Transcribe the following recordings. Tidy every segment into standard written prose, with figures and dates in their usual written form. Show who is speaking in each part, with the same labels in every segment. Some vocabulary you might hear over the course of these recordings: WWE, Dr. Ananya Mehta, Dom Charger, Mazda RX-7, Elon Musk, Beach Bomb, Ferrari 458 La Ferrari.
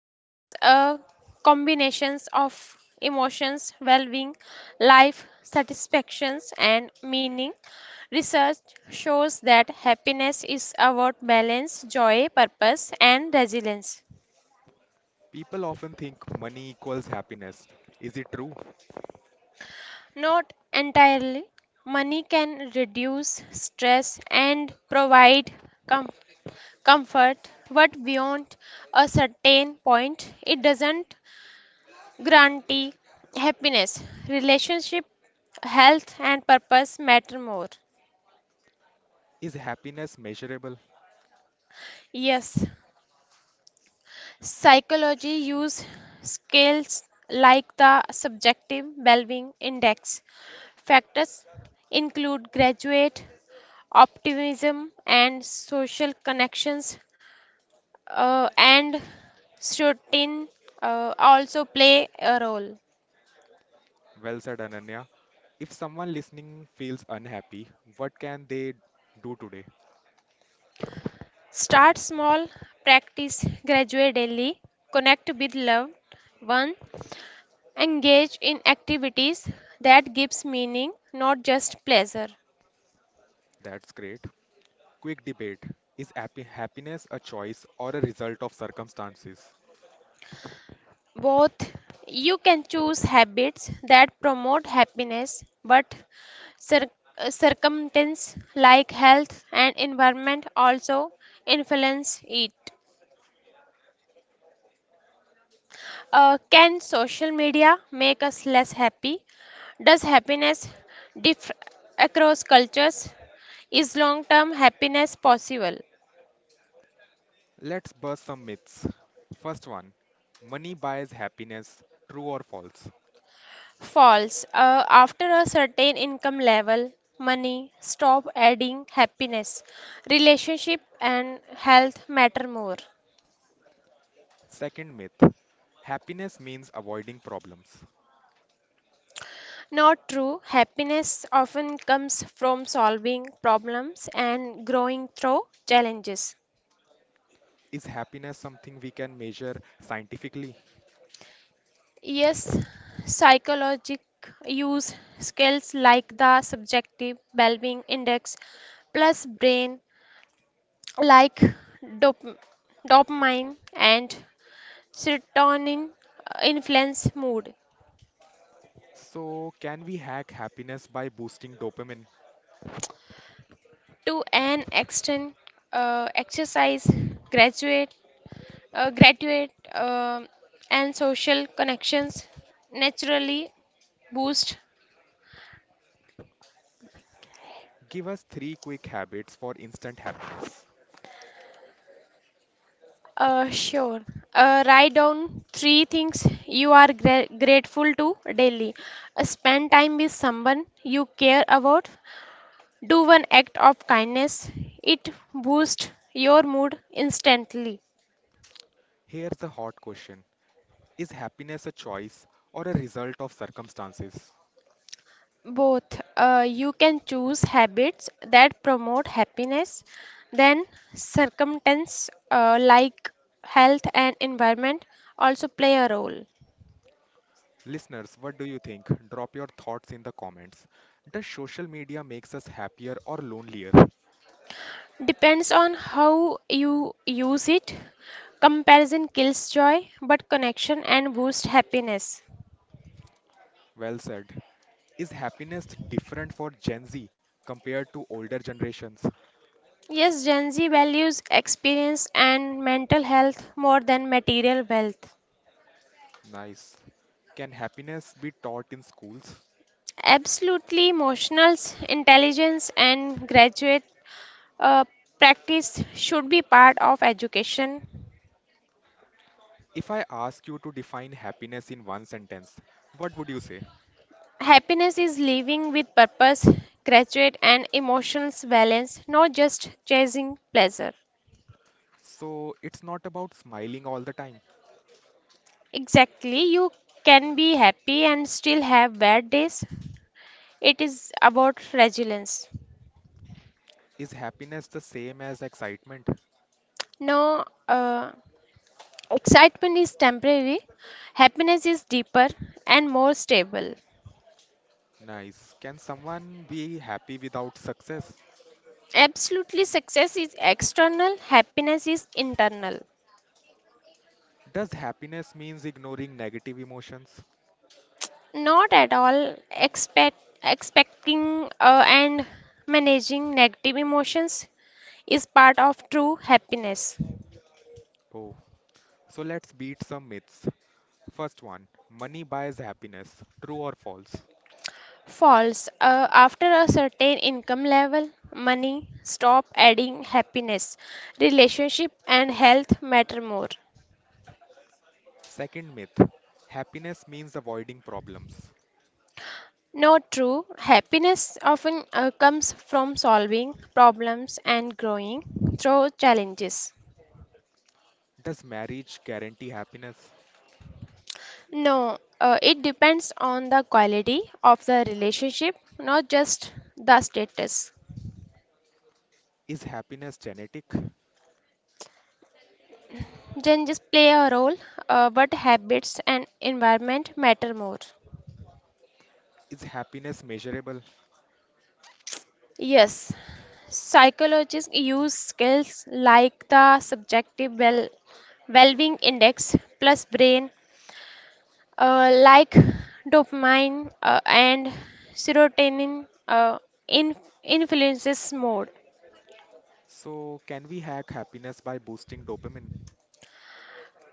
Speaker 1: it's a combination of emotions, well being, life satisfactions, and meaning. Research shows that happiness is about balance, joy, purpose, and resilience.
Speaker 2: People often think money equals happiness. Is it true?
Speaker 1: Not entirely. Money can reduce stress and provide com- comfort, but beyond a certain point, it doesn't guarantee happiness. Relationship, health, and purpose matter more.
Speaker 2: Is happiness measurable?
Speaker 1: Yes, psychology use scales like the subjective well-being index. Factors include graduate optimism and social connections and routine also play a role.
Speaker 2: Well said, Ananya. If someone listening feels unhappy, what can they do today?
Speaker 1: Start small, practice gradually daily, connect with loved one, engage in activities that gives meaning, not just pleasure.
Speaker 2: That's great. Quick debate. Is happiness a choice or a result of circumstances?
Speaker 1: Both you can choose habits that promote happiness, but cir- circumstances like health and environment also influence it. Can social media make us less happy? Does happiness differ across cultures? Is long term happiness possible?
Speaker 2: Let's bust some myths. First one, money buys happiness, true or false?
Speaker 1: False. After a certain income level, money stop adding happiness. Relationship and health matter more.
Speaker 2: Second myth, happiness means avoiding problems.
Speaker 1: Not true. Happiness often comes from solving problems and growing through challenges.
Speaker 2: Is happiness something we can measure scientifically?
Speaker 1: Yes, psychologic use skills like the subjective well-being index plus brain like dop- dopamine and Serotonin influence mood
Speaker 2: So, can we hack happiness by boosting dopamine?
Speaker 1: to an extent. Exercise, graduate, graduate, and social connections naturally boost.
Speaker 2: Give us three quick habits for instant happiness.
Speaker 1: Sure. Write down three things you are grateful to daily. Spend time with someone you care about. Do one act of kindness. It boosts your mood instantly.
Speaker 2: Here's the hot question. Is happiness a choice or a result of circumstances?
Speaker 1: Both. You can choose habits that promote happiness, then circumstance like health and environment also play a role.
Speaker 2: Listeners, what do you think? Drop your thoughts in the comments. Does social media makes us happier or lonelier?
Speaker 1: Depends on how you use it. Comparison kills joy, but connection and boost happiness.
Speaker 2: Well said. Is happiness different for Gen Z compared to older generations?
Speaker 1: Yes, Gen Z values experience and mental health more than material wealth.
Speaker 2: Nice. Can happiness be taught in schools?
Speaker 1: Absolutely, emotional intelligence and graduate uh, practice should be part of education.
Speaker 2: If I ask you to define happiness in one sentence, what would you say?
Speaker 1: Happiness is living with purpose, graduate, and emotional balance, not just chasing pleasure.
Speaker 2: So, it's not about smiling all the time.
Speaker 1: Exactly, you can be happy and still have bad days. It is about resilience.
Speaker 2: Is happiness the same as excitement?
Speaker 1: No, excitement is temporary, happiness is deeper and more stable.
Speaker 2: Nice. Can someone be happy without success?
Speaker 1: Absolutely, success is external, happiness is internal.
Speaker 2: Does happiness means ignoring negative emotions?
Speaker 1: Not at all expecting and managing negative emotions is part of true happiness.
Speaker 2: Oh, so let's beat some myths. First one, money buys happiness. True or false?
Speaker 1: False. After a certain income level, money stop adding happiness. Relationship and health matter more.
Speaker 2: Second myth, happiness means avoiding problems.
Speaker 1: Not true. Happiness often comes from solving problems and growing through challenges.
Speaker 2: Does marriage guarantee happiness?
Speaker 1: No, it depends on the quality of the relationship, not just the status.
Speaker 2: Is happiness genetic?
Speaker 1: Changes play a role, but habits and environment matter more.
Speaker 2: Is happiness measurable?
Speaker 1: Yes, psychologists use scales like the subjective well-being index plus brain, like dopamine and serotonin in influences mood.
Speaker 2: So, can we hack happiness by boosting dopamine?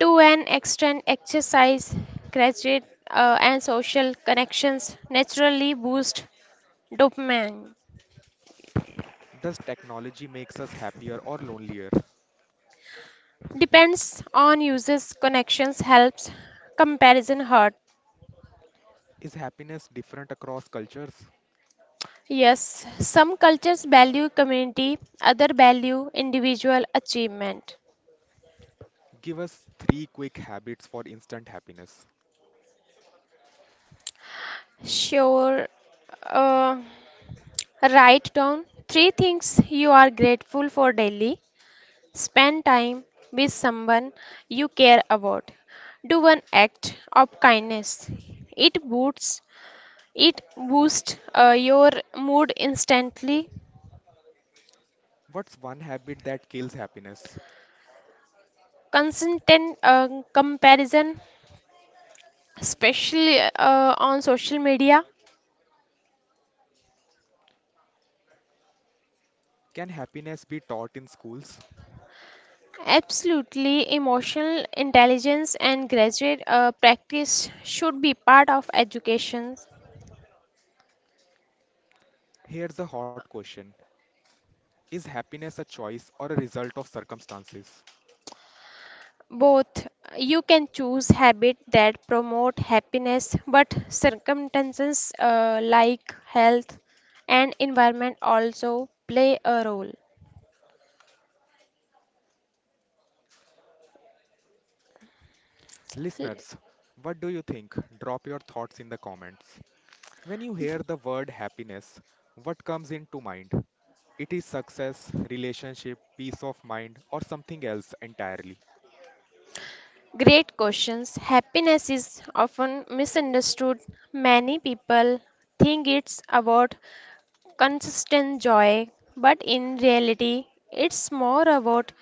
Speaker 1: To an extent, exercise, gratitude, and social connections naturally boost dopamine.
Speaker 2: Does technology makes us happier or lonelier?
Speaker 1: Depends on users' connections helps comparison hurt.
Speaker 2: Is happiness different across cultures?
Speaker 1: Yes, some cultures value community, other value individual achievement.
Speaker 2: Give us three quick habits for instant happiness.
Speaker 1: Sure. Uh, write down three things you are grateful for daily. Spend time with someone you care about. Do one act of kindness. It boosts it boosts your mood instantly.
Speaker 2: What's one habit that kills happiness?
Speaker 1: Consistent comparison, especially on social media,
Speaker 2: Can happiness be taught in schools?
Speaker 1: absolutely emotional intelligence and graduate practice should be part of education.
Speaker 2: Here's a hot question. Is happiness a choice or a result of circumstances?
Speaker 1: Both. You can choose habit that promote happiness, but circumstances like health and environment also play a role.
Speaker 2: Listeners, what do you think? Drop your thoughts in the comments. When you hear the word happiness, what comes into mind? It is success, relationship, peace of mind, or something else entirely.
Speaker 1: Great questions. Happiness is often misunderstood. Many people think it's about consistent joy, but in reality, it's more about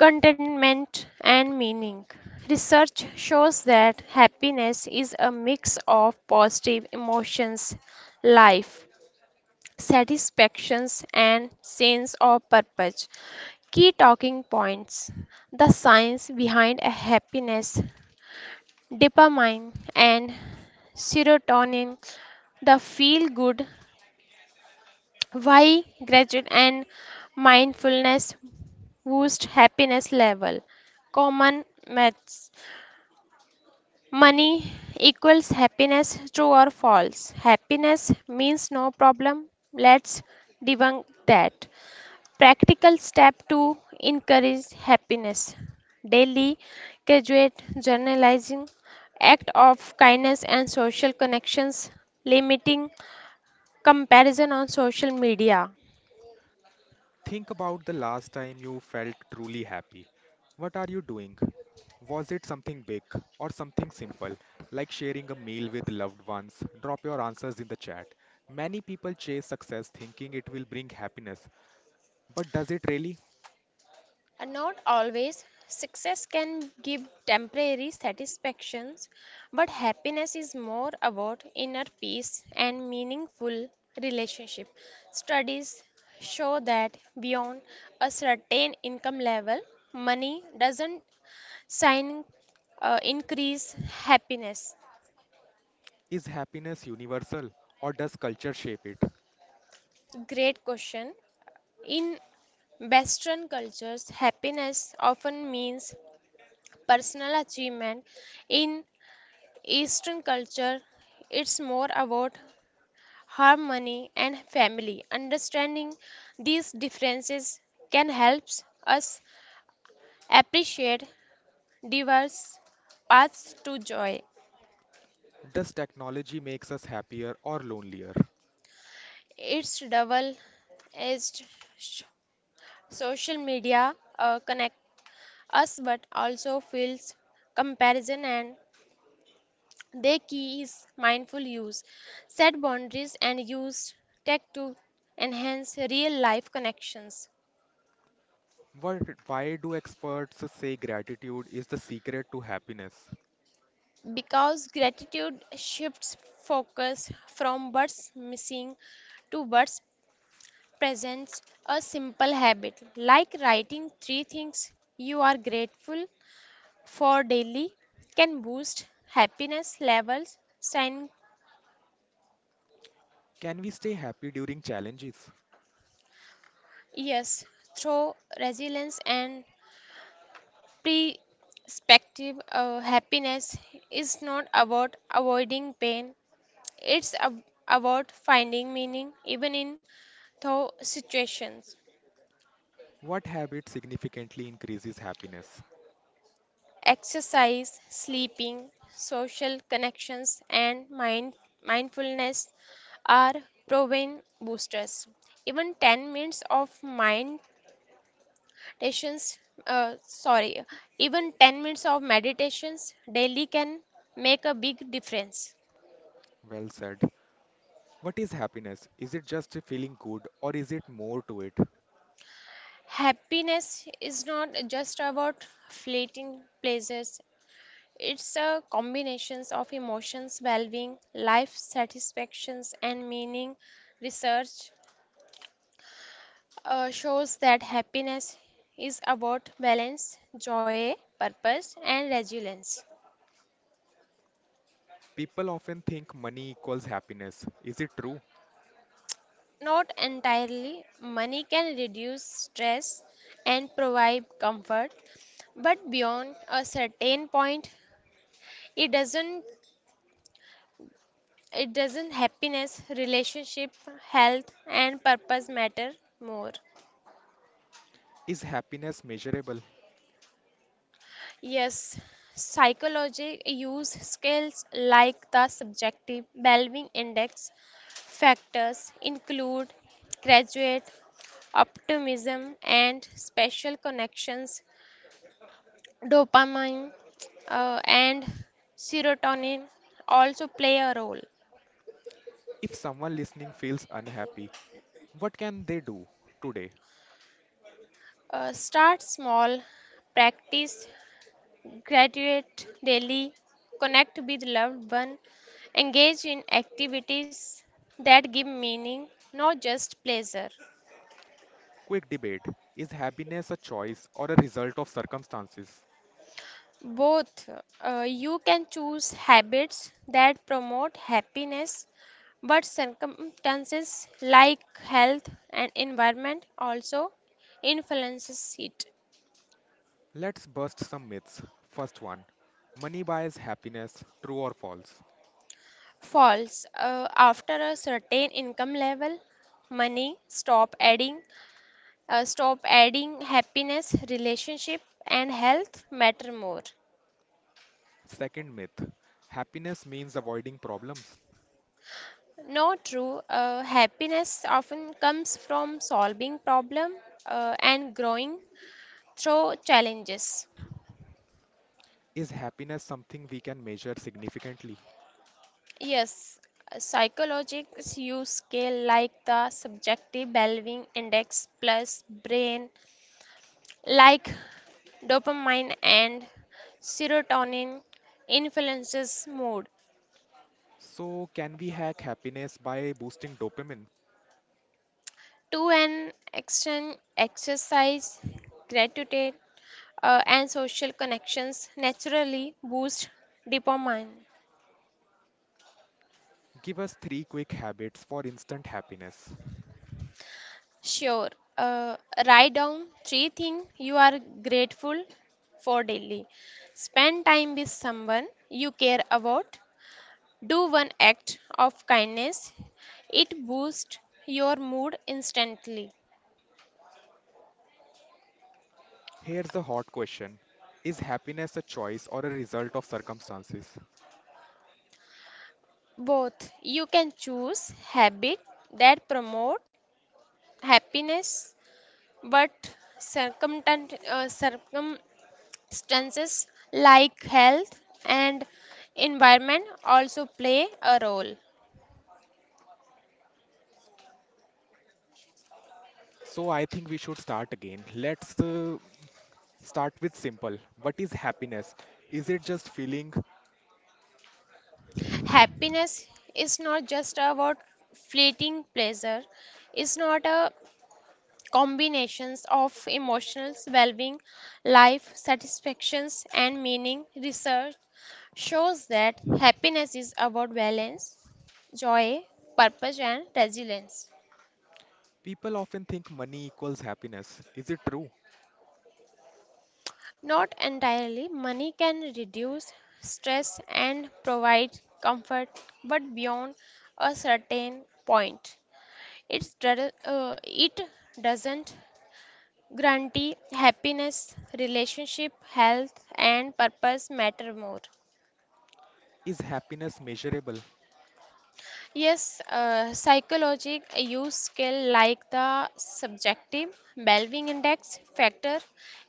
Speaker 1: contentment and meaning. Research shows that happiness is a mix of positive emotions, life, satisfactions, and sense of purpose. Key talking points: the science behind a happiness, dopamine, and serotonin, the feel good, why gratitude and mindfulness boost happiness level? Common myths. Money equals happiness, true or false. Happiness means no problem. Let's debunk that. Practical step to encourage happiness. Daily graduate journalizing, act of kindness and social connections, limiting comparison on social media.
Speaker 2: Think about the last time you felt truly happy. What are you doing? Was it something big or something simple, like sharing a meal with loved ones? Drop your answers in the chat. Many people chase success thinking it will bring happiness, but does it really?
Speaker 1: And not always. Success can give temporary satisfactions, but happiness is more about inner peace and meaningful relationship. Studies show that beyond a certain income level, money doesn't sign increase happiness.
Speaker 2: Is happiness universal or does culture shape it?
Speaker 1: Great question. In Western cultures, happiness often means personal achievement. In Eastern culture, it's more about harmony and family. Understanding these differences can help us appreciate diverse paths to joy.
Speaker 2: Does technology makes us happier or lonelier?
Speaker 1: It's double edged, social media connect us but also feels comparison, and the key is mindful use, set boundaries and use tech to enhance real life connections
Speaker 2: What, why do experts say gratitude is the secret to happiness?
Speaker 1: because gratitude shifts focus from what's missing to what's present. A simple habit like writing three things you are grateful for daily can boost happiness levels. And
Speaker 2: Can we stay happy during challenges?
Speaker 1: yes, through resilience and perspective happiness is not about avoiding pain, it's ab- about finding meaning even in tough situations.
Speaker 2: What habit significantly increases happiness?
Speaker 1: Exercise, sleeping, social connections, and mindfulness are proven boosters. Even 10 minutes of mind meditations, uh, sorry, even 10 minutes of meditations daily can make a big difference.
Speaker 2: Well said. What is happiness? Is it just feeling good or is it more to it?
Speaker 1: Happiness is not just about fleeting pleasures. It's a combination of emotions, well-being, life satisfactions, and meaning. Research shows that happiness is about balance, joy, purpose, and resilience.
Speaker 2: People often think money equals happiness. Is it true?
Speaker 1: Not entirely, money can reduce stress and provide comfort, but beyond a certain point, it doesn't. It doesn't happiness, relationship, health, and purpose matter more.
Speaker 2: Is happiness measurable?
Speaker 1: Yes, psychology use scales like the subjective Belving index. Factors include graduate optimism and special connections, dopamine and serotonin also play a role.
Speaker 2: If someone listening feels unhappy, what can they do today?
Speaker 1: Start small, practice graduate daily, connect with loved one, engage in activities that give meaning, not just pleasure.
Speaker 2: Quick debate. Is happiness a choice or a result of circumstances?
Speaker 1: Both, you can choose habits that promote happiness, but circumstances like health and environment also influences it.
Speaker 2: Let's bust some myths. First one, money buys happiness, true or false?
Speaker 1: False, after a certain income level, money stop adding happiness, relationship and health matter more.
Speaker 2: Second myth, happiness means avoiding problems.
Speaker 1: No true, happiness often comes from solving problem and growing through challenges.
Speaker 2: Is happiness something we can measure significantly?
Speaker 1: Yes, psychologists use scale like the subjective belving index plus brain like dopamine and serotonin influences mood.
Speaker 2: So, can we hack happiness by boosting dopamine?
Speaker 1: To an extent, exercise, gratitude, and social connections naturally boost dopamine.
Speaker 2: Give us three quick habits for instant happiness.
Speaker 1: Sure. Uh, write down three things you are grateful for daily. Spend time with someone you care about. Do one act of kindness. It boosts your mood instantly.
Speaker 2: Here's the hot question. Is happiness a choice or a result of circumstances?
Speaker 1: Both, you can choose habit that promote happiness, but circumtan- uh, circumstances like health and environment also play a role.
Speaker 2: So, I think we should start again. Let's start with simple. What is happiness? Is it just feeling?
Speaker 1: Happiness is not just about fleeting pleasure, it's not a combinations of emotional well-being, life satisfactions and meaning. Research shows that happiness is about balance, joy, purpose and resilience.
Speaker 2: People often think money equals happiness. Is it true?
Speaker 1: Not entirely. Money can reduce stress and provide comfort, but beyond a certain point, it doesn't guarantee happiness, relationship, health, and purpose matter more.
Speaker 2: Is happiness measurable?
Speaker 1: Yes, psychologic use scale like the subjective Belving index factor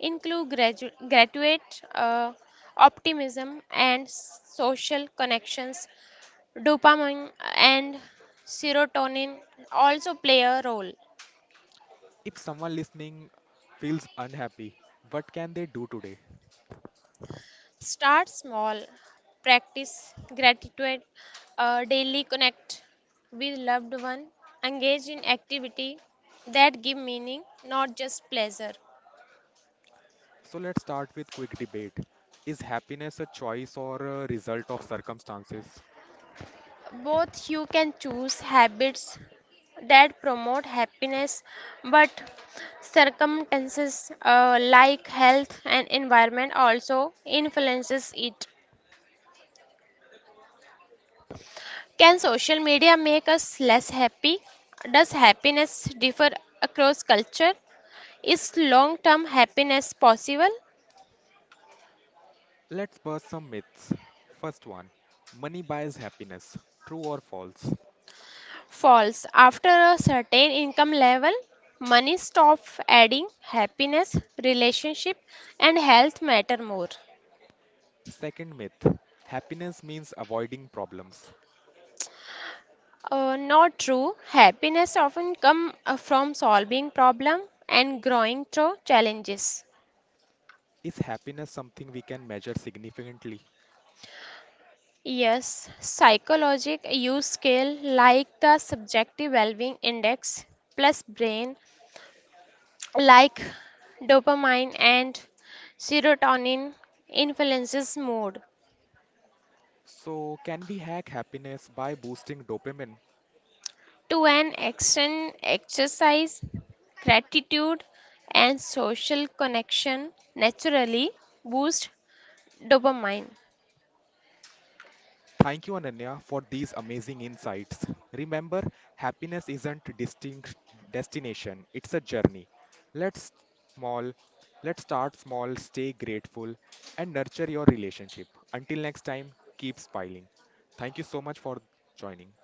Speaker 1: include graduate optimism and social connections. Dopamine and serotonin also play a role.
Speaker 2: If someone listening feels unhappy, what can they do today?
Speaker 1: Start small, practice gratitude, daily connect with loved one, engage in activity that give meaning, not just pleasure.
Speaker 2: So let's start with quick debate. Is happiness a choice or a result of circumstances?
Speaker 1: Both you can choose habits that promote happiness, but circumstances like health and environment also influences it. Can social media make us less happy? Does happiness differ across culture? Is long term happiness possible?
Speaker 2: Let's burst some myths. First one, money buys happiness. True or false?
Speaker 1: False. After a certain income level, money stops adding happiness, relationship, and health matter more.
Speaker 2: Second myth, happiness means avoiding problems.
Speaker 1: Not true. Happiness often comes from solving problems and growing through challenges.
Speaker 2: Is happiness something we can measure significantly?
Speaker 1: Yes, psychologic use scale like the subjective well-being index plus brain like dopamine and serotonin influences mood.
Speaker 2: So, can we hack happiness by boosting dopamine?
Speaker 1: To an extent, exercise, gratitude, and social connection naturally boost dopamine.
Speaker 2: Thank you, Ananya, for these amazing insights. Remember, happiness isn't distinct destination, it's a journey. Let's small, let's start small, stay grateful, and nurture your relationship. Until next time, keep smiling. Thank you so much for joining.